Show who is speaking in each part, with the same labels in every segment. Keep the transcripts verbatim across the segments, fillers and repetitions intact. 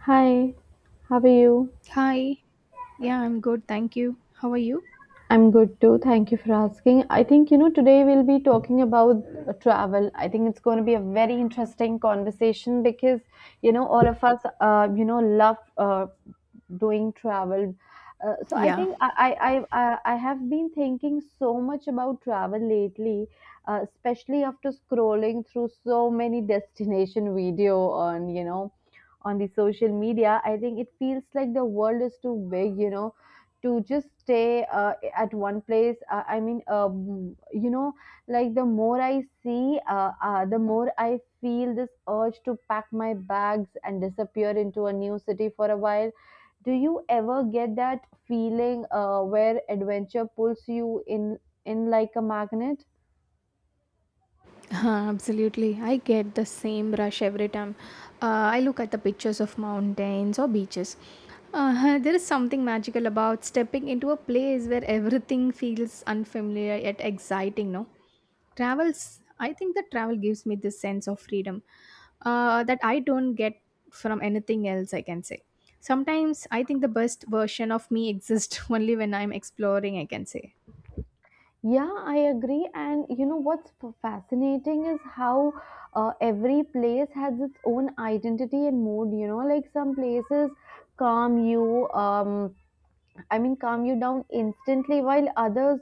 Speaker 1: Hi, how are you?
Speaker 2: Hi. Yeah, I'm good. Thank you. How are you?
Speaker 1: I'm good too. Thank you for asking. I think, you know, today we'll be talking about uh, travel. I think it's going to be a very interesting conversation because, you know, all of us, uh, you know, love uh, doing travel. Uh, so I
Speaker 2: Yeah,
Speaker 1: think I, I, I, I I have been thinking so much about travel lately, uh, especially after scrolling through so many destination video on, you know, on the social media. I think it feels like the world is too big, you know, to just stay uh, at one place uh, I mean, um, you know, like the more I see uh, uh, the more I feel this urge to pack my bags and disappear into a new city for a while. Do you ever get that feeling, uh, where adventure pulls you in in like a magnet?
Speaker 2: absolutely. I get the same rush every time uh, I look at the pictures of mountains or beaches. Uh, there is something magical about stepping into a place where everything feels unfamiliar yet exciting, no? Travels, I think that travel gives me this sense of freedom uh, that I don't get from anything else, I can say. Sometimes I think the best version of me exists only when I'm exploring, I can say.
Speaker 1: Yeah, I agree. And you know what's f- fascinating is how uh, every place has its own identity and mood. You know, like some places calm you, um, I mean, calm you down instantly while others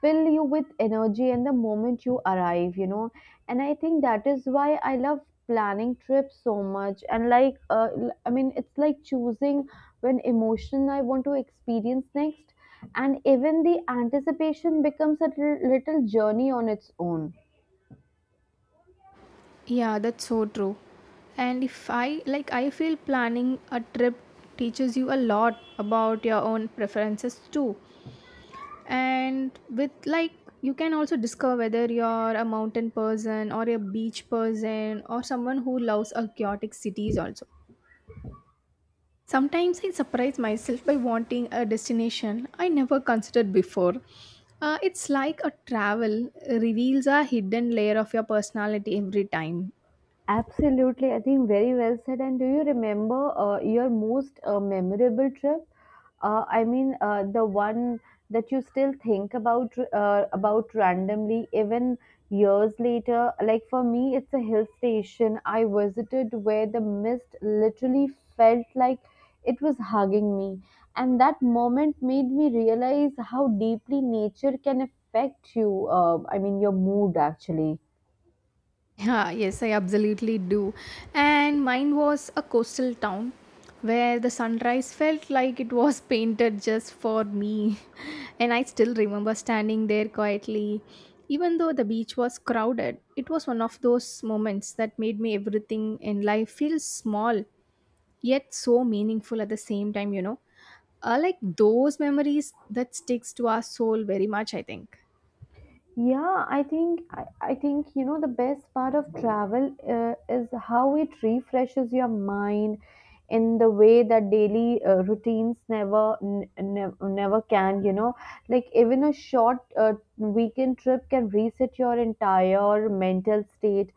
Speaker 1: fill you with energy and the moment you arrive, you know. And I think that is why I love planning trips so much. And like, uh, l- I mean, it's like choosing when emotion I want to experience next. And even the anticipation becomes a little little journey on its own.
Speaker 2: Yeah, that's so true. And if I like, I feel planning a trip teaches you a lot about your own preferences too. And with like, you can also discover whether you're a mountain person or a beach person or someone who loves a chaotic cities also. Sometimes I surprise myself by wanting a destination I never considered before. Uh, it's like a travel reveals a hidden layer of your personality every time.
Speaker 1: Absolutely, I think very well said. And do you remember uh, your most uh, memorable trip? Uh, I mean, uh, the one that you still think about uh, about randomly, even years later. Like for me, it's a hill station I visited where the mist literally felt like it was hugging me, and that moment made me realize how deeply nature can affect you. Uh, I mean, your mood actually.
Speaker 2: Yeah, yes, I absolutely do. And mine was a coastal town where the sunrise felt like it was painted just for me. And I still remember standing there quietly. Even though the beach was crowded, it was one of those moments that made me everything in life feel small, yet so meaningful at the same time, you know. Uh, like those memories that sticks to our soul very much, I think.
Speaker 1: Yeah, I think I, I think you know the best part of travel uh, is how it refreshes your mind in the way that daily uh, routines never n- ne- never can, you know. Like even a short uh, weekend trip can reset your entire mental state,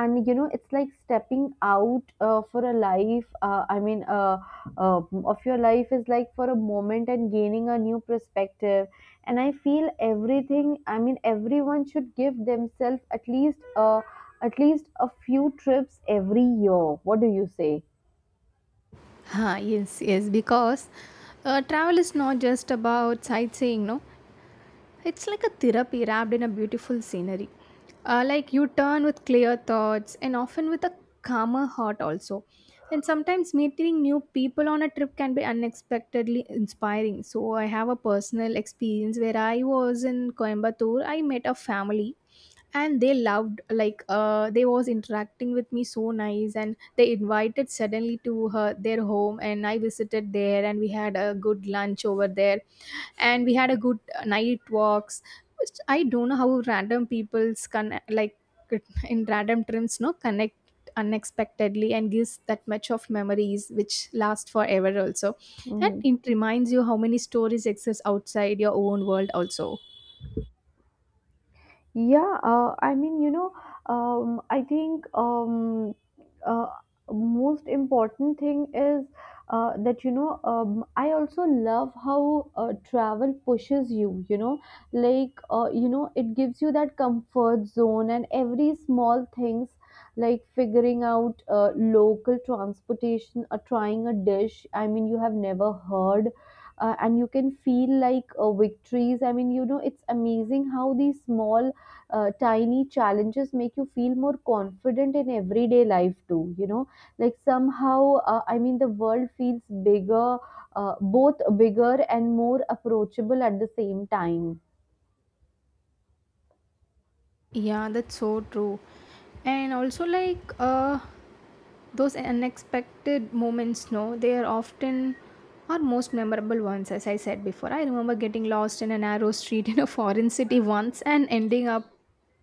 Speaker 1: and you know it's like stepping out uh, for a life uh, i mean uh, uh, of your life is like for a moment and gaining a new perspective. And I feel everything, I mean everyone should give themselves at least uh, at least a few trips every year. What do you say?
Speaker 2: Ah, yes, yes, because uh, travel is not just about sightseeing, no? It's like a therapy wrapped in a beautiful scenery. Uh, like you turn with clear thoughts and often with a calmer heart, also. And sometimes meeting new people on a trip can be unexpectedly inspiring. So, I have a personal experience where I was in Coimbatore, I met a family and they loved like uh, they was interacting with me so nice, and they invited suddenly to her their home, and I visited there, and we had a good lunch over there. And we had a good uh, night walks, which I don't know how random people's can like in random trips no connect unexpectedly and gives that much of memories which last forever also. And
Speaker 1: Mhm.
Speaker 2: it reminds you how many stories exist outside your own world also.
Speaker 1: Yeah, uh, I mean, you know, um, I think, um, uh, most important thing is uh, that you know, um, I also love how uh, travel pushes you. You know, like, uh, you know, it gives you that comfort zone, and every small things like figuring out uh, local transportation or trying a dish. I mean, you have never heard. Uh, and you can feel like uh, victories. I mean, you know, it's amazing how these small uh, tiny challenges make you feel more confident in everyday life too, you know. Like somehow, uh, I mean the world feels bigger, uh, both bigger and more approachable at the same time.
Speaker 2: Yeah, that's so true. And also like uh those unexpected moments no they are often our most memorable ones. As I said before, I remember getting lost in a narrow street in a foreign city once, and ending up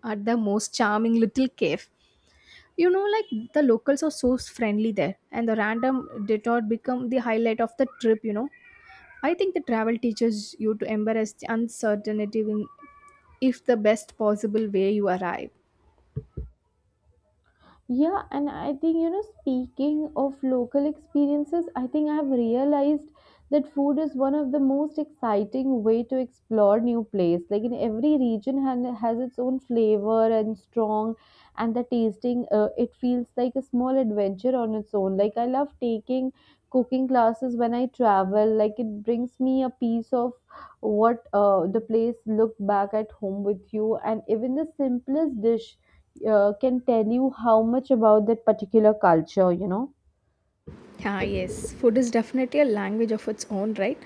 Speaker 2: at the most charming little cave. You know, like the locals are so friendly there, and the random detour become the highlight of the trip, you know. I think the travel teaches you to embrace the uncertainty in if the best possible way you arrive.
Speaker 1: Yeah, and I think, you know, speaking of local experiences, I think I have realized that food is one of the most exciting way to explore new place. Like in every region han- has its own flavor and strong, and the tasting, uh, it feels like a small adventure on its own. Like I love taking cooking classes when I travel. Like it brings me a piece of what, uh, the place looked back at home with you. And even the simplest dish uh, can tell you how much about that particular culture, you know.
Speaker 2: Ah, yes, food is definitely a language of its own, right?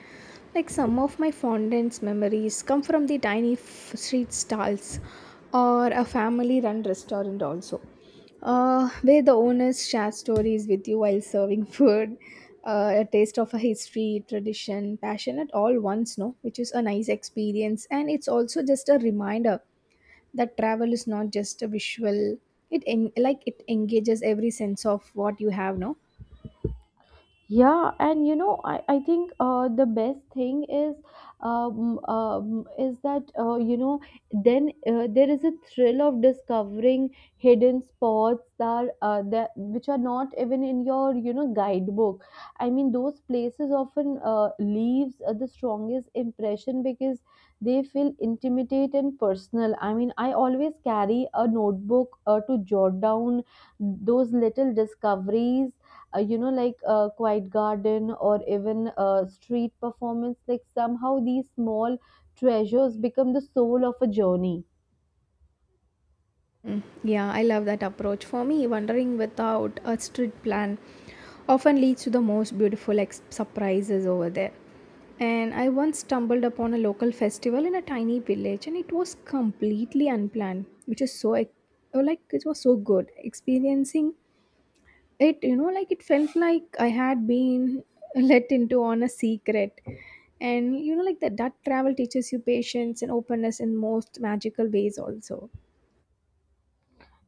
Speaker 2: Like some of my fondest memories come from the tiny f- street stalls or a family run restaurant, also, uh, where the owners share stories with you while serving food. Uh, a taste of a history, tradition, passion at all once, no, which is a nice experience, and it's also just a reminder that travel is not just a visual. It en- like it engages every sense of what you have, no.
Speaker 1: Yeah, and you know, I, I think uh, the best thing is, um, um, is that, uh, you know, then uh, there is a thrill of discovering hidden spots that uh, that which are not even in your, you know, guidebook. I mean, those places often uh, leaves uh, the strongest impression because they feel intimate and personal. I mean, I always carry a notebook uh, to jot down those little discoveries, uh, you know, like a quiet garden or even a street performance. Like somehow these small treasures become the soul of a journey.
Speaker 2: Mm, yeah, I love that approach. For me, wandering without a strict plan often leads to the most beautiful ex- surprises over there. And I once stumbled upon a local festival in a tiny village, and it was completely unplanned, which is so ex- oh, like it was so good. Experiencing it, you know, like it felt like I had been let into on a secret. And you know, like that, that travel teaches you patience and openness in most magical ways, also.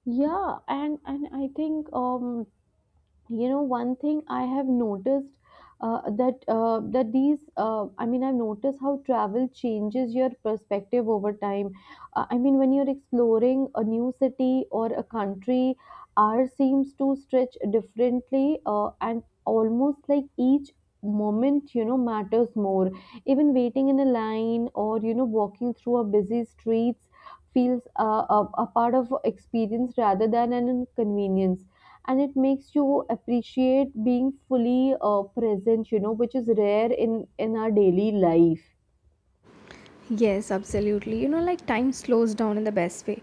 Speaker 1: Yeah, and and I think, um you know, one thing I have noticed, uh, that uh, that these, uh, I mean I've noticed how travel changes your perspective over time. uh, I mean when you're exploring a new city or a country, hour seems to stretch differently, uh, and almost like each moment, you know, matters more. Even waiting in a line or, you know, walking through a busy streets feels uh, a, a part of experience rather than an inconvenience, and it makes you appreciate being fully uh, present, you know, which is rare in in our daily life.
Speaker 2: Yes, absolutely. You know, like time slows down in the best way.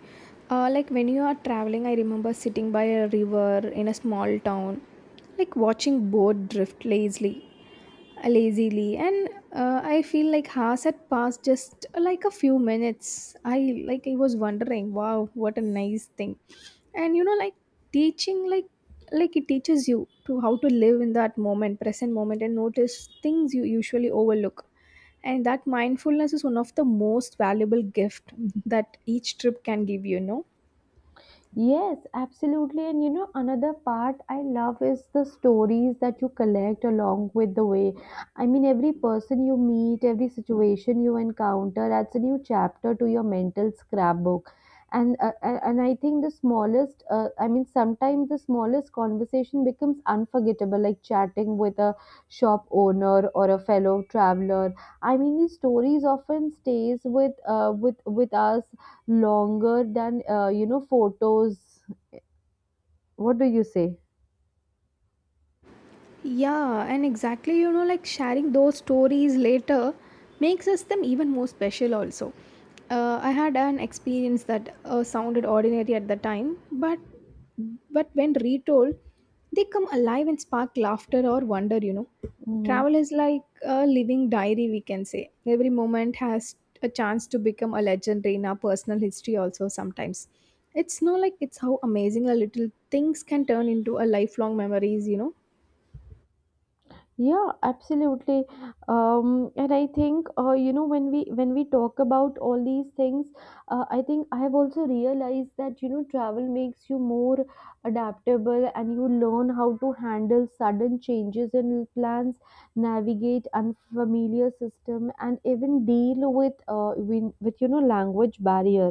Speaker 2: Uh, like when you are traveling, I remember sitting by a river in a small town, like watching boat drift lazily lazily and uh, I feel like hours had passed just uh, like a few minutes. I like I was wondering, wow, what a nice thing. And you know, like teaching like like it teaches you to how to live in that moment, present moment, and notice things you usually overlook. And that mindfulness is one of the most valuable gift that each trip can give you, you know.
Speaker 1: Yes, absolutely. And you know, another part I love is the stories that you collect along with the way. I mean, every person you meet, every situation you encounter adds a new chapter to your mental scrapbook. And uh, uh, and I think the smallest, uh, I mean, sometimes the smallest conversation becomes unforgettable, like chatting with a shop owner or a fellow traveler. I mean, these stories often stays with uh, with with us longer than, uh, you know, photos. What do you say?
Speaker 2: Yeah, and exactly, you know, like sharing those stories later makes us them even more special, also. Uh, I had an experience that uh, sounded ordinary at the time, but but when retold, they come alive and spark laughter or wonder, you know.
Speaker 1: Mhm.
Speaker 2: Travel is like a living diary, we can say. Every moment has a chance to become a legendary in our personal history, also, sometimes. It's no like it's how amazing a little things can turn into a lifelong memories, you know.
Speaker 1: Yeah, absolutely. Um, and I think, uh, you know, when we when we talk about all these things, uh, I think I have also realized that you know travel makes you more adaptable, and you learn how to handle sudden changes in plans, navigate unfamiliar system, and even deal with, uh, with, with, you know, language barrier.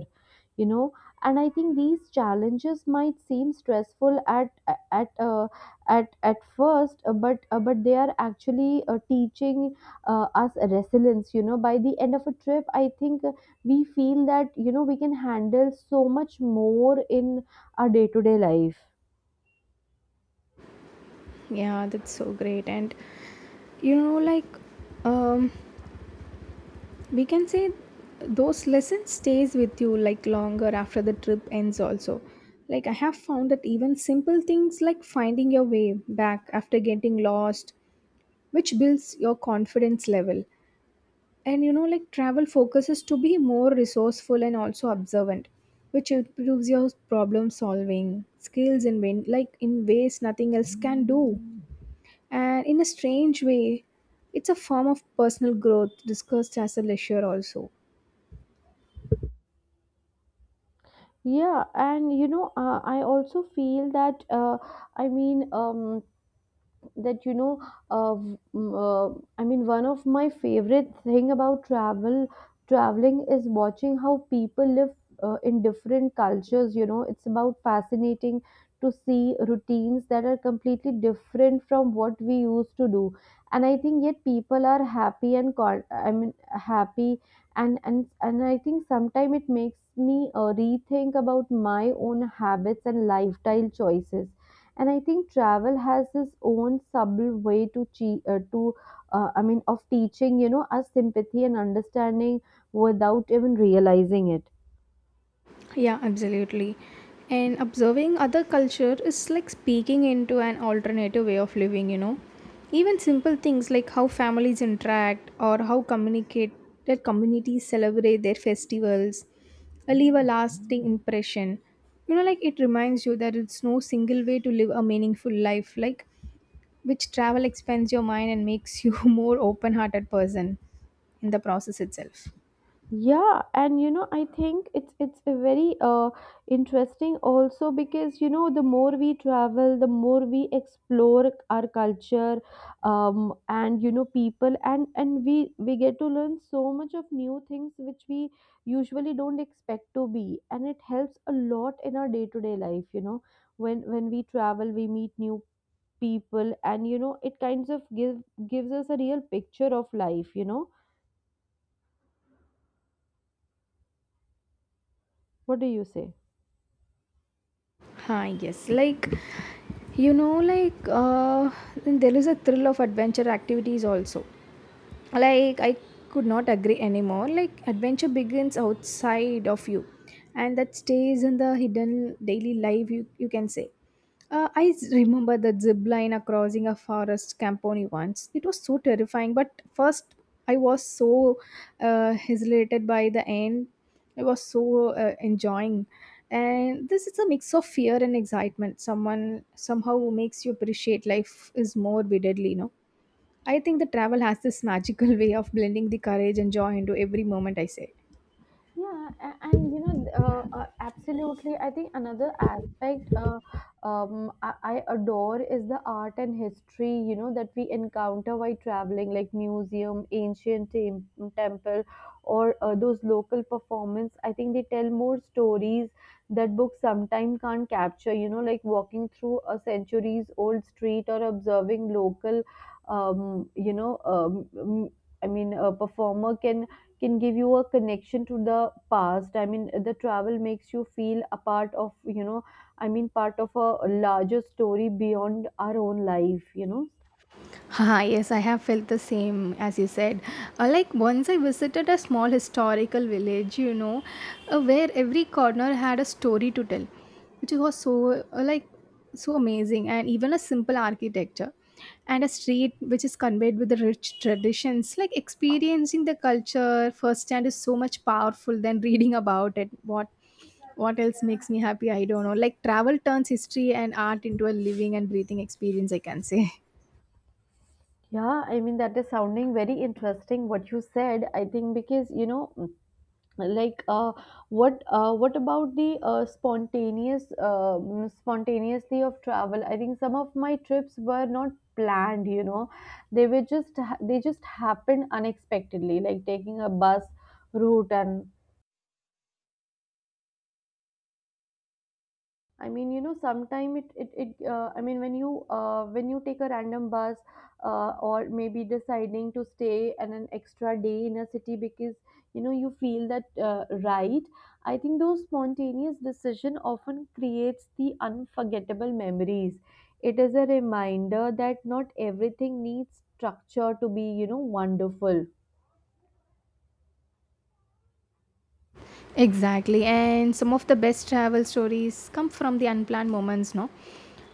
Speaker 1: You know, and I think these challenges might seem stressful at at uh, at at first, uh, but uh, but they are actually uh, teaching uh, us resilience. You know, by the end of a trip I think, uh, we feel that, you know, we can handle so much more in our day to day life.
Speaker 2: Yeah, that's so great. And you know, like um, we can say those lessons stays with you like longer after the trip ends also. Like I have found that even simple things like finding your way back after getting lost, which builds your confidence level. And you know, like travel focuses to be more resourceful and also observant, which improves your problem solving skills in win like in ways nothing else can do. And in a strange way, it's a form of personal growth discussed as a leisure, also.
Speaker 1: Yeah, and you know, uh, I also feel that, uh, I mean, um that, you know, uh, uh, I mean, one of my favorite thing about travel traveling is watching how people live uh, in different cultures. You know, it's about fascinating to see routines that are completely different from what we used to do. And I think yet people are happy and con- i mean happy, and and and I think sometimes it makes me uh, rethink about my own habits and lifestyle choices. And I think travel has its own subtle way to che- uh, to, uh, I mean, of teaching, you know, us sympathy and understanding without even realizing it.
Speaker 2: Yeah, absolutely. And observing other culture is like speaking into an alternative way of living, you know. Even simple things like how families interact or how communicate their communities celebrate their festivals uh, leave a lasting impression. You know, like it reminds you that it's no single way to live a meaningful life. Like which travel expands your mind and makes you more open-hearted person in the process itself.
Speaker 1: Yeah, and you know, I think it's it's a very uh interesting also, because you know the more we travel, the more we explore our culture, um, and you know people, and and we we get to learn so much of new things which we usually don't expect to be, and it helps a lot in our day to day life. You know, when when we travel, we meet new people, and you know it kinds of give gives us a real picture of life. You know, what do you say?
Speaker 2: Hi, yes. Like you know like uh, there is a thrill of adventure activities also. Like I could not agree anymore. Like adventure begins outside of you, and that stays in the hidden daily life, you, you can say. Uh, I s- remember the zip line uh, crossing a forest company once. It was so terrifying, but first I was so uh, hesitated by the end. I was so uh, enjoying. And this is a mix of fear and excitement. Someone somehow makes you appreciate life is more vividly, you know. I think the travel has this magical way of blending the courage and joy into every moment I say.
Speaker 1: Yeah, a- and you know, uh, uh, absolutely. I think another aspect, uh, um, I, I adore is the art and history, you know, that we encounter while traveling, like museum, ancient tem- temple, or uh, those local performance. I think they tell more stories that books sometimes can't capture, you know, like walking through a centuries old street or observing local, um, you know, um, m- I mean, a performer can can give you a connection to the past. I mean the travel makes you feel a part of, you know, I mean part of a larger story beyond our own life, you know.
Speaker 2: Haha, yes, I have felt the same as you said. Uh, like once I visited a small historical village, you know, uh, where every corner had a story to tell, which was so uh, like so amazing, and even a simple architecture and a street which is conveyed with the rich traditions. Like experiencing the culture firsthand is so much powerful than reading about it. What what else makes me happy? I don't know. Like travel turns history and art into a living and breathing experience, I can say.
Speaker 1: Yeah, I mean that is sounding very interesting what you said. I think because you know, like, uh, what uh, what about the uh, spontaneous, uh, mm, spontaneously of travel? I think some of my trips were not planned, you know, they were just ha- they just happened unexpectedly, like taking a bus route and, I mean, you know, sometime it it, it uh, I mean, when you uh, when you take a random bus, uh, or maybe deciding to stay and an extra day in a city because you know you feel that, uh, right. I think those spontaneous decision often creates the unforgettable memories. It is a reminder that not everything needs structure to be, you know, wonderful.
Speaker 2: Exactly, and some of the best travel stories come from the unplanned moments, no?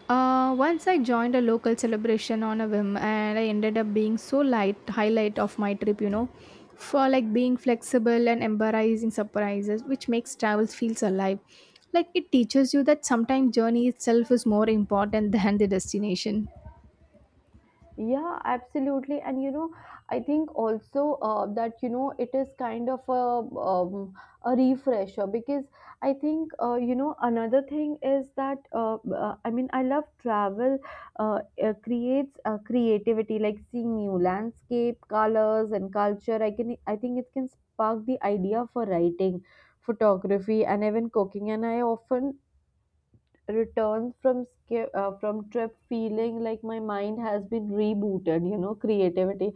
Speaker 2: Uh, once I joined a local celebration on a whim, and I ended up being so light highlight of my trip, you know, for like being flexible and embarrassing surprises, which makes travel feels alive. Like it teaches you that sometimes journey itself is more important than the destination.
Speaker 1: Yeah, absolutely. And you know, I think also, uh, that you know it is kind of a, um, a refresher, because I think, uh, you know, another thing is that, uh, uh, I mean, I love travel uh, uh, creates uh, creativity, like seeing new landscape, colors and culture. I can I think it can spark the idea for writing, photography and even cooking. And I often return from sca- uh, from trip feeling like my mind has been rebooted, you know, creativity.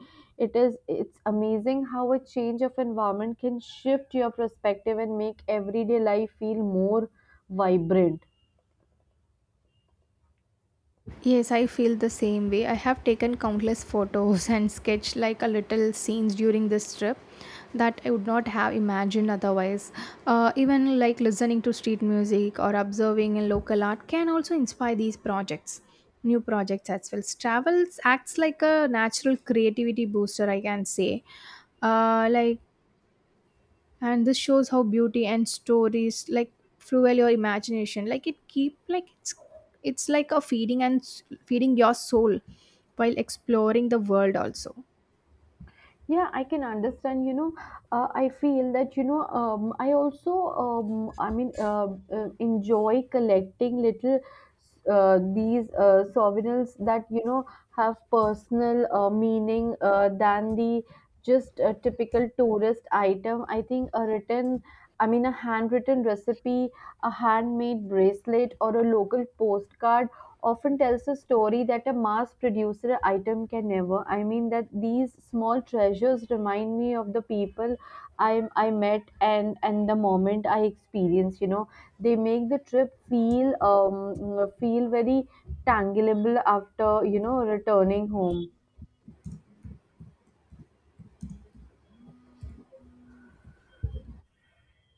Speaker 1: It is it's amazing how a change of environment can shift your perspective and make everyday life feel more vibrant.
Speaker 2: Yes, I feel the same way. I have taken countless photos and sketched like a little scenes during this trip that I would not have imagined otherwise. Uh, even like listening to street music or observing in local art can also inspire these projects, new projects as well. Travels acts like a natural creativity booster, I can say. Uh, like and this shows how beauty and stories like fuel your imagination. Like it keep like it's it's like a feeding and s- feeding your soul while exploring the world also.
Speaker 1: Yeah, I can understand. You know, uh, I feel that, you know, um, I also, um, I mean, uh, uh, enjoy collecting little uh, these uh, souvenirs that, you know, have personal uh, meaning uh, than the just a typical tourist item. I think a written, I mean, a handwritten recipe, a handmade bracelet, or a local postcard often tells a story that a mass-produced item can never. I mean that these small treasures remind me of the people I I met and and the moment I experienced. You know, they make the trip feel um feel very tangible after, you know, returning home.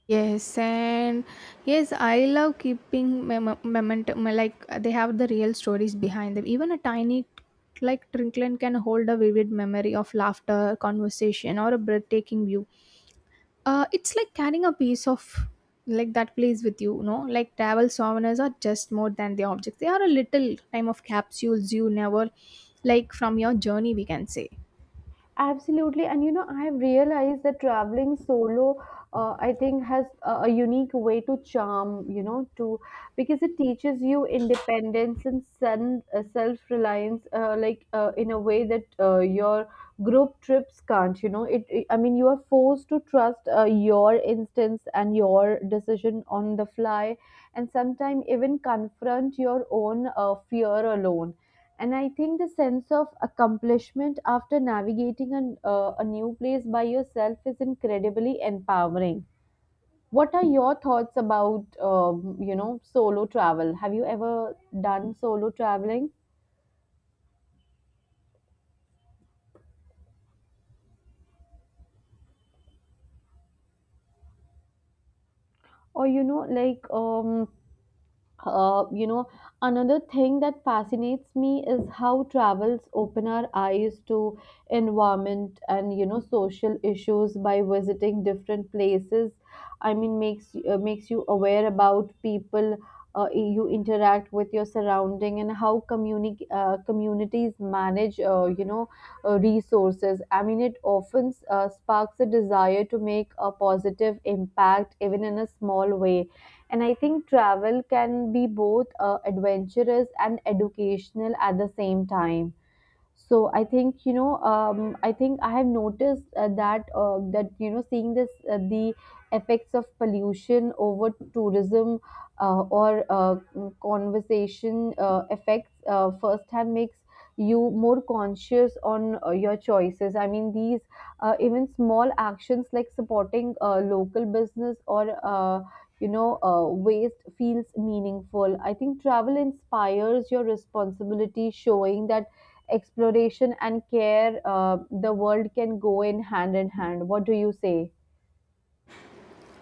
Speaker 2: Yes, and yes, I love keeping mem- memento. me- Like they have the real stories behind them. Even a tiny, like trinket, can hold a vivid memory of laughter, conversation, or a breathtaking view. Uh, it's like carrying a piece of like that plays with you, you know. Like travel souvenirs are just more than the objects. They are a little time of capsules you never like from your journey, we can say.
Speaker 1: Absolutely. And you know, I have realized that traveling solo, uh, I think, has a, a unique way to charm, you know, to because it teaches you independence and sen- uh, self-reliance, uh, like uh, in a way that uh, your group trips can't, you know. It, it- I mean, you are forced to trust uh, your instincts and your decision on the fly, and sometimes even confront your own uh, fear alone, and I think the sense of accomplishment after navigating a uh, a new place by yourself is incredibly empowering. What are your thoughts about, um, you know, solo travel? Have you ever done solo traveling or, you know, like, um, uh, you know, another thing that fascinates me is how travels open our eyes to environment and, you know, social issues. By visiting different places, I mean, makes uh, makes you aware about people uh, you interact with, your surrounding, and how communi- uh, communities manage, uh, you know uh, resources. I mean, it often uh, sparks a desire to make a positive impact, even in a small way, and I think travel can be both uh, adventurous and educational at the same time. So I think, you know, um, I think I have noticed uh, that uh, that, you know, seeing this, uh, the effects of pollution over tourism, uh, or uh, conversation uh, effects uh, firsthand, makes you more conscious on uh, your choices. I mean, these uh, even small actions like supporting uh, local business or, uh, you know uh, waste, feels meaningful. I think travel inspires your responsibility, showing that exploration and care, uh, the world can go in hand in hand. What do you say?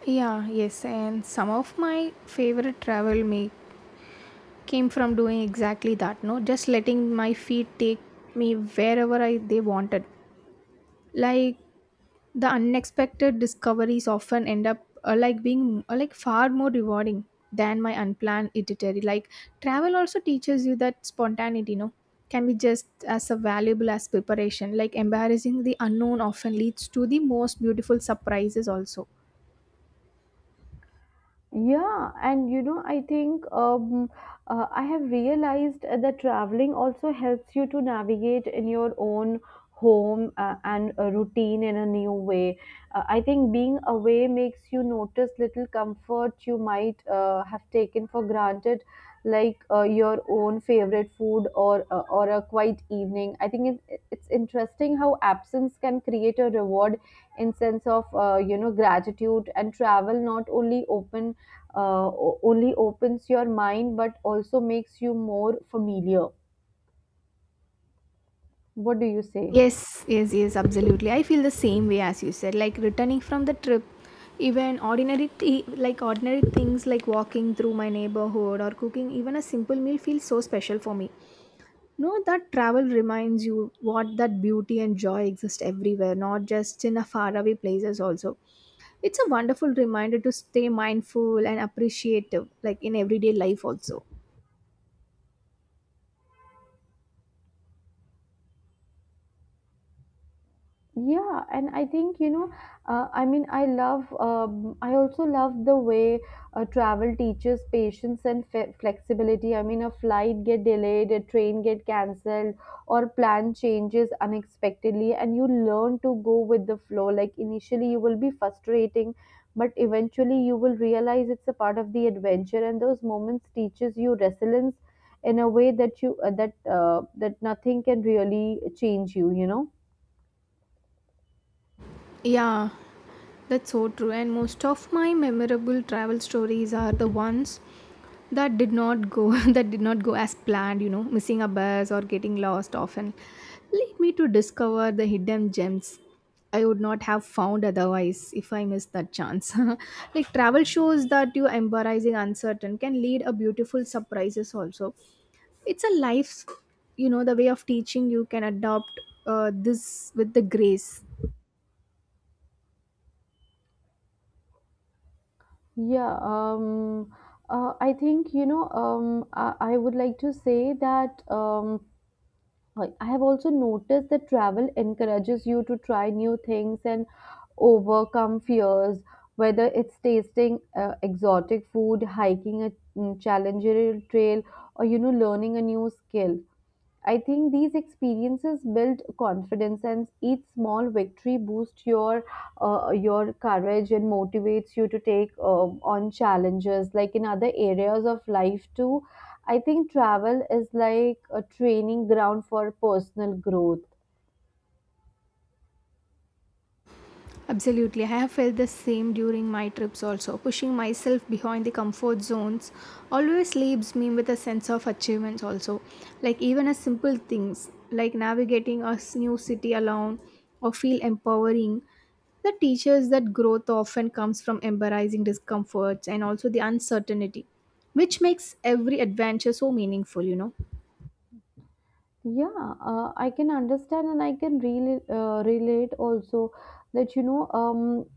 Speaker 2: Yeah, yes, and some of my favorite travel me came from doing exactly that, no, just letting my feet take me wherever I they wanted. Like the unexpected discoveries often end up uh, like being uh, like far more rewarding than my unplanned itinerary. Like travel also teaches you that spontaneity, you know, can be just as a valuable as preparation. Like embarrassing the unknown often leads to the most beautiful surprises also.
Speaker 1: Yeah, and you know, I think, um, uh, I have realized that traveling also helps you to navigate in your own home uh, and a routine in a new way. Uh, I think being away makes you notice little comfort you might uh, have taken for granted, like uh, your own favorite food or uh, or a quiet evening. I think it, it's interesting how absence can create a reward in sense of, uh, you know, gratitude, and travel not only open uh, o- only opens your mind but also makes you more familiar. What do you say?
Speaker 2: Yes, yes, yes, absolutely. I feel the same way as you said. Like returning from the trip, even ordinary th- like ordinary things like walking through my neighborhood or cooking even a simple meal feels so special for me. No, that travel reminds you what that beauty and joy exist everywhere, not just in a faraway places also. It's a wonderful reminder to stay mindful and appreciative, like in everyday life also.
Speaker 1: Yeah, and I think, you know, uh, I mean, I love, um, I also love the way uh, travel teaches patience and fe flexibility. I mean, a flight get delayed, a train get cancelled, or plan changes unexpectedly, and you learn to go with the flow. Like initially, you will be frustrating, but eventually, you will realize it's a part of the adventure, and those moments teaches you resilience in a way that you uh, that uh, that nothing can really change you, you know.
Speaker 2: Yeah, that's so true. And most of my memorable travel stories are the ones that did not go that did not go as planned, you know, missing a bus or getting lost often lead me to discover the hidden gems I would not have found otherwise if I missed that chance. Like travel shows that you embarrassing uncertain can lead a beautiful surprises also. It's a life's, you know, the way of teaching you can adopt uh, this with the grace.
Speaker 1: Yeah, um, uh, I think, you know, um, I, I would like to say that um, I I have also noticed that travel encourages you to try new things and overcome fears, whether it's tasting uh, exotic food, hiking a mm, challenging trail, or, you know, learning a new skill. I think these experiences build confidence, and each small victory boosts your uh, your courage and motivates you to take uh, on challenges, like in other areas of life too. I think travel is like a training ground for personal growth.
Speaker 2: Absolutely. I have felt the same during my trips also. Pushing myself behind the comfort zones always leaves me with a sense of achievement also. Like even a simple things like navigating a s- new city alone or feel empowering. The teaches that growth often comes from embarrassing discomforts and also the uncertainty, which makes every adventure so meaningful, you know.
Speaker 1: Yeah, uh, I can understand, and I can really uh, relate also that, you know, um,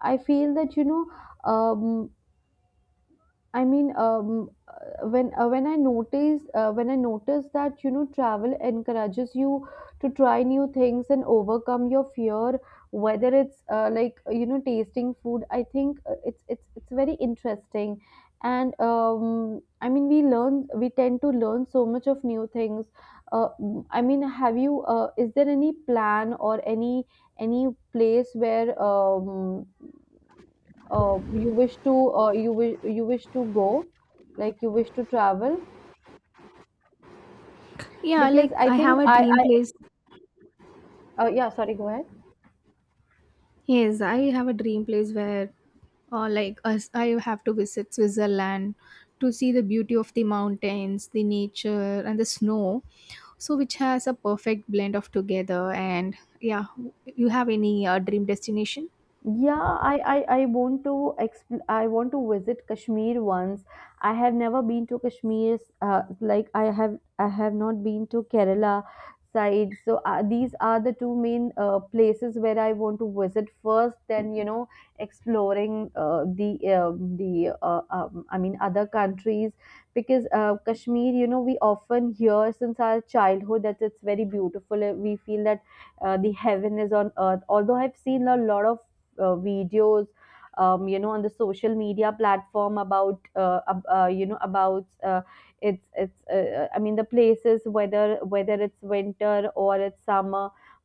Speaker 1: I I feel that, you know, um, I mean, um, uh, when uh, when I notice, uh, when I notice that, you know, travel encourages you to try new things and overcome your fear, whether it's, uh, like, you know, tasting food. I think, uh, it's it's it's very interesting, and, um, I mean, we learn we tend to learn so much of new things. Uh, mm, I mean, have you? Uh, is there any plan or any any place where, um, uh, you wish to, uh, you wish you wish to go, like you wish to travel?
Speaker 2: Yeah,
Speaker 1: Because
Speaker 2: like
Speaker 1: I
Speaker 2: I
Speaker 1: think
Speaker 2: have a
Speaker 1: I
Speaker 2: dream
Speaker 1: I
Speaker 2: place.
Speaker 1: uh, yeah, sorry, go ahead.
Speaker 2: Yes, I have a dream place where, uh, like, us, I have to visit Switzerland to see the beauty of the mountains, the nature, and the snow. So, which has a perfect blend of together. And yeah, you have any uh, dream destination?
Speaker 1: Yeah, I, I, I want to exp- I want to visit Kashmir once. I have never been to Kashmir. Uh, like I have I have not been to Kerala side. So uh, these are the two main uh, places where I want to visit first. Then you know exploring uh, the uh, the uh, um, I mean other countries, because uh, Kashmir, you know, we often hear since our childhood that it's very beautiful. Uh, We feel that uh, the heaven is on earth. Although I've seen a lot of uh, videos, um, you know, on the social media platform about, uh, ab- uh, you know, about, uh, it's it's uh, uh, I mean the places, whether whether it's winter or it's summer.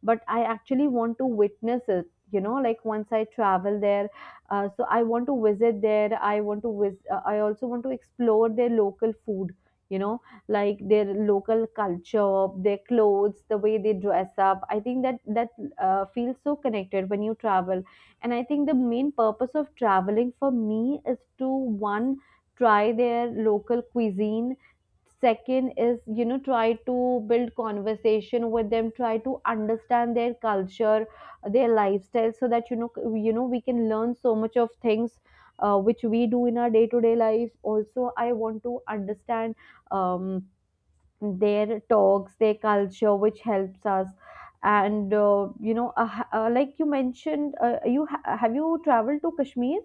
Speaker 1: But I actually want to witness it, you know, like once I travel there. Uh, so I want to visit there, I want to vis- uh, I also want to explore their local food, you know, like their local culture, their clothes, the way they dress up. I think that that uh, feels so connected when you travel, and I think the main purpose of traveling for me is to one, try their local cuisine; second is, you know, try to build conversation with them, try to understand their culture, their lifestyle, so that you know, you know we can learn so much of things, uh, which we do in our day to day lives also. I want to understand, um, their talks, their culture, which helps us. And, uh, you know, uh, h- uh, like you mentioned, uh, you ha- have you traveled to Kashmir?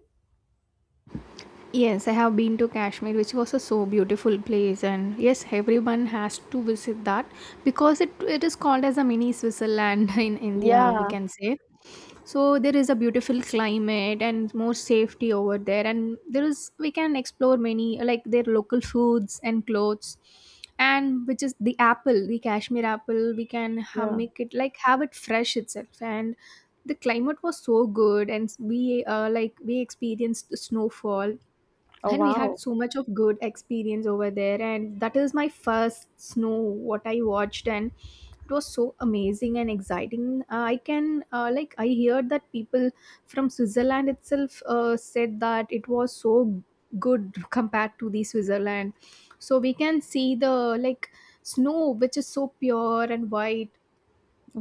Speaker 2: Yes, I have been to Kashmir, which was a so beautiful place, and yes, everyone has to visit that because it, it is called as a mini Switzerland in India, we
Speaker 1: Yeah,
Speaker 2: can say. So there is a beautiful climate and more safety over there, and there is we can explore many like their local foods and clothes, and which is the apple, the Kashmir apple. We can ha-
Speaker 1: yeah.
Speaker 2: make it like have it fresh itself, and the climate was so good, and we uh, like we experienced the snowfall,
Speaker 1: Oh
Speaker 2: and we had
Speaker 1: wow.
Speaker 2: so much of good experience over there, and that is my first snow what I watched, and it was so amazing and exciting. uh, I can uh, like I heard that people from Switzerland itself uh, said that it was so good compared to the Switzerland. So we can see the, like, snow which is so pure and white,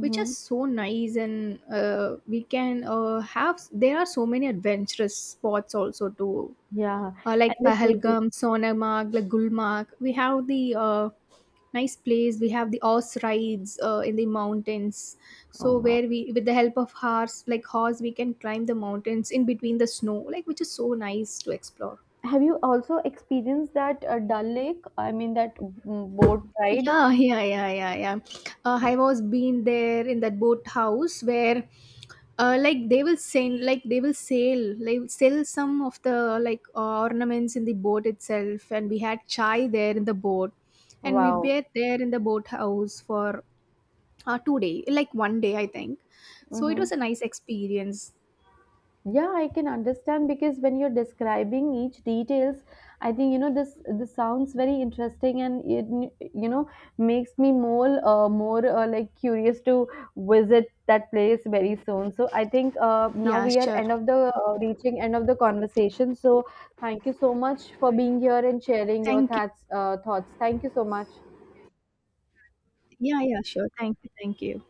Speaker 2: which is so nice. And uh, we can uh, have, there are so many adventurous spots also to,
Speaker 1: Yeah,
Speaker 2: uh,
Speaker 1: and
Speaker 2: like
Speaker 1: the cuisine.
Speaker 2: Pahalgam, Sonarmarg, like Gulmarg. We have the uh, nice place. We have the horse rides uh, in the mountains.
Speaker 1: Oh
Speaker 2: So
Speaker 1: wow.
Speaker 2: where we, with the help of horse, like horse, we can climb the mountains in between the snow, like which is so nice to explore.
Speaker 1: Have you also experienced that uh, Dal Lake? I mean, that mm, boat ride.
Speaker 2: Yeah, yeah, yeah, yeah, yeah. Uh, I was been there in that boat house where, uh, like they will send, like they will sell, like sell some of the like uh, ornaments in the boat itself, and we had chai there in the boat, and we
Speaker 1: Wow.
Speaker 2: were there in the boat house for uh, two day, like one day I think. So it
Speaker 1: Mm-hmm.
Speaker 2: was a nice experience.
Speaker 1: Yeah, I can understand, because when you're describing each details, I think, you know, this this sounds very interesting, and it, you know, makes me more uh, more uh, like curious to visit that place very soon. So I think uh, now
Speaker 2: Yeah,
Speaker 1: we are
Speaker 2: sure.
Speaker 1: end of the, uh, reaching end of the conversation. So thank you so much for being here and sharing your
Speaker 2: Thank you.
Speaker 1: thoughts uh, thoughts. Thank you so much.
Speaker 2: Yeah, yeah, sure. Thank you. Thank you.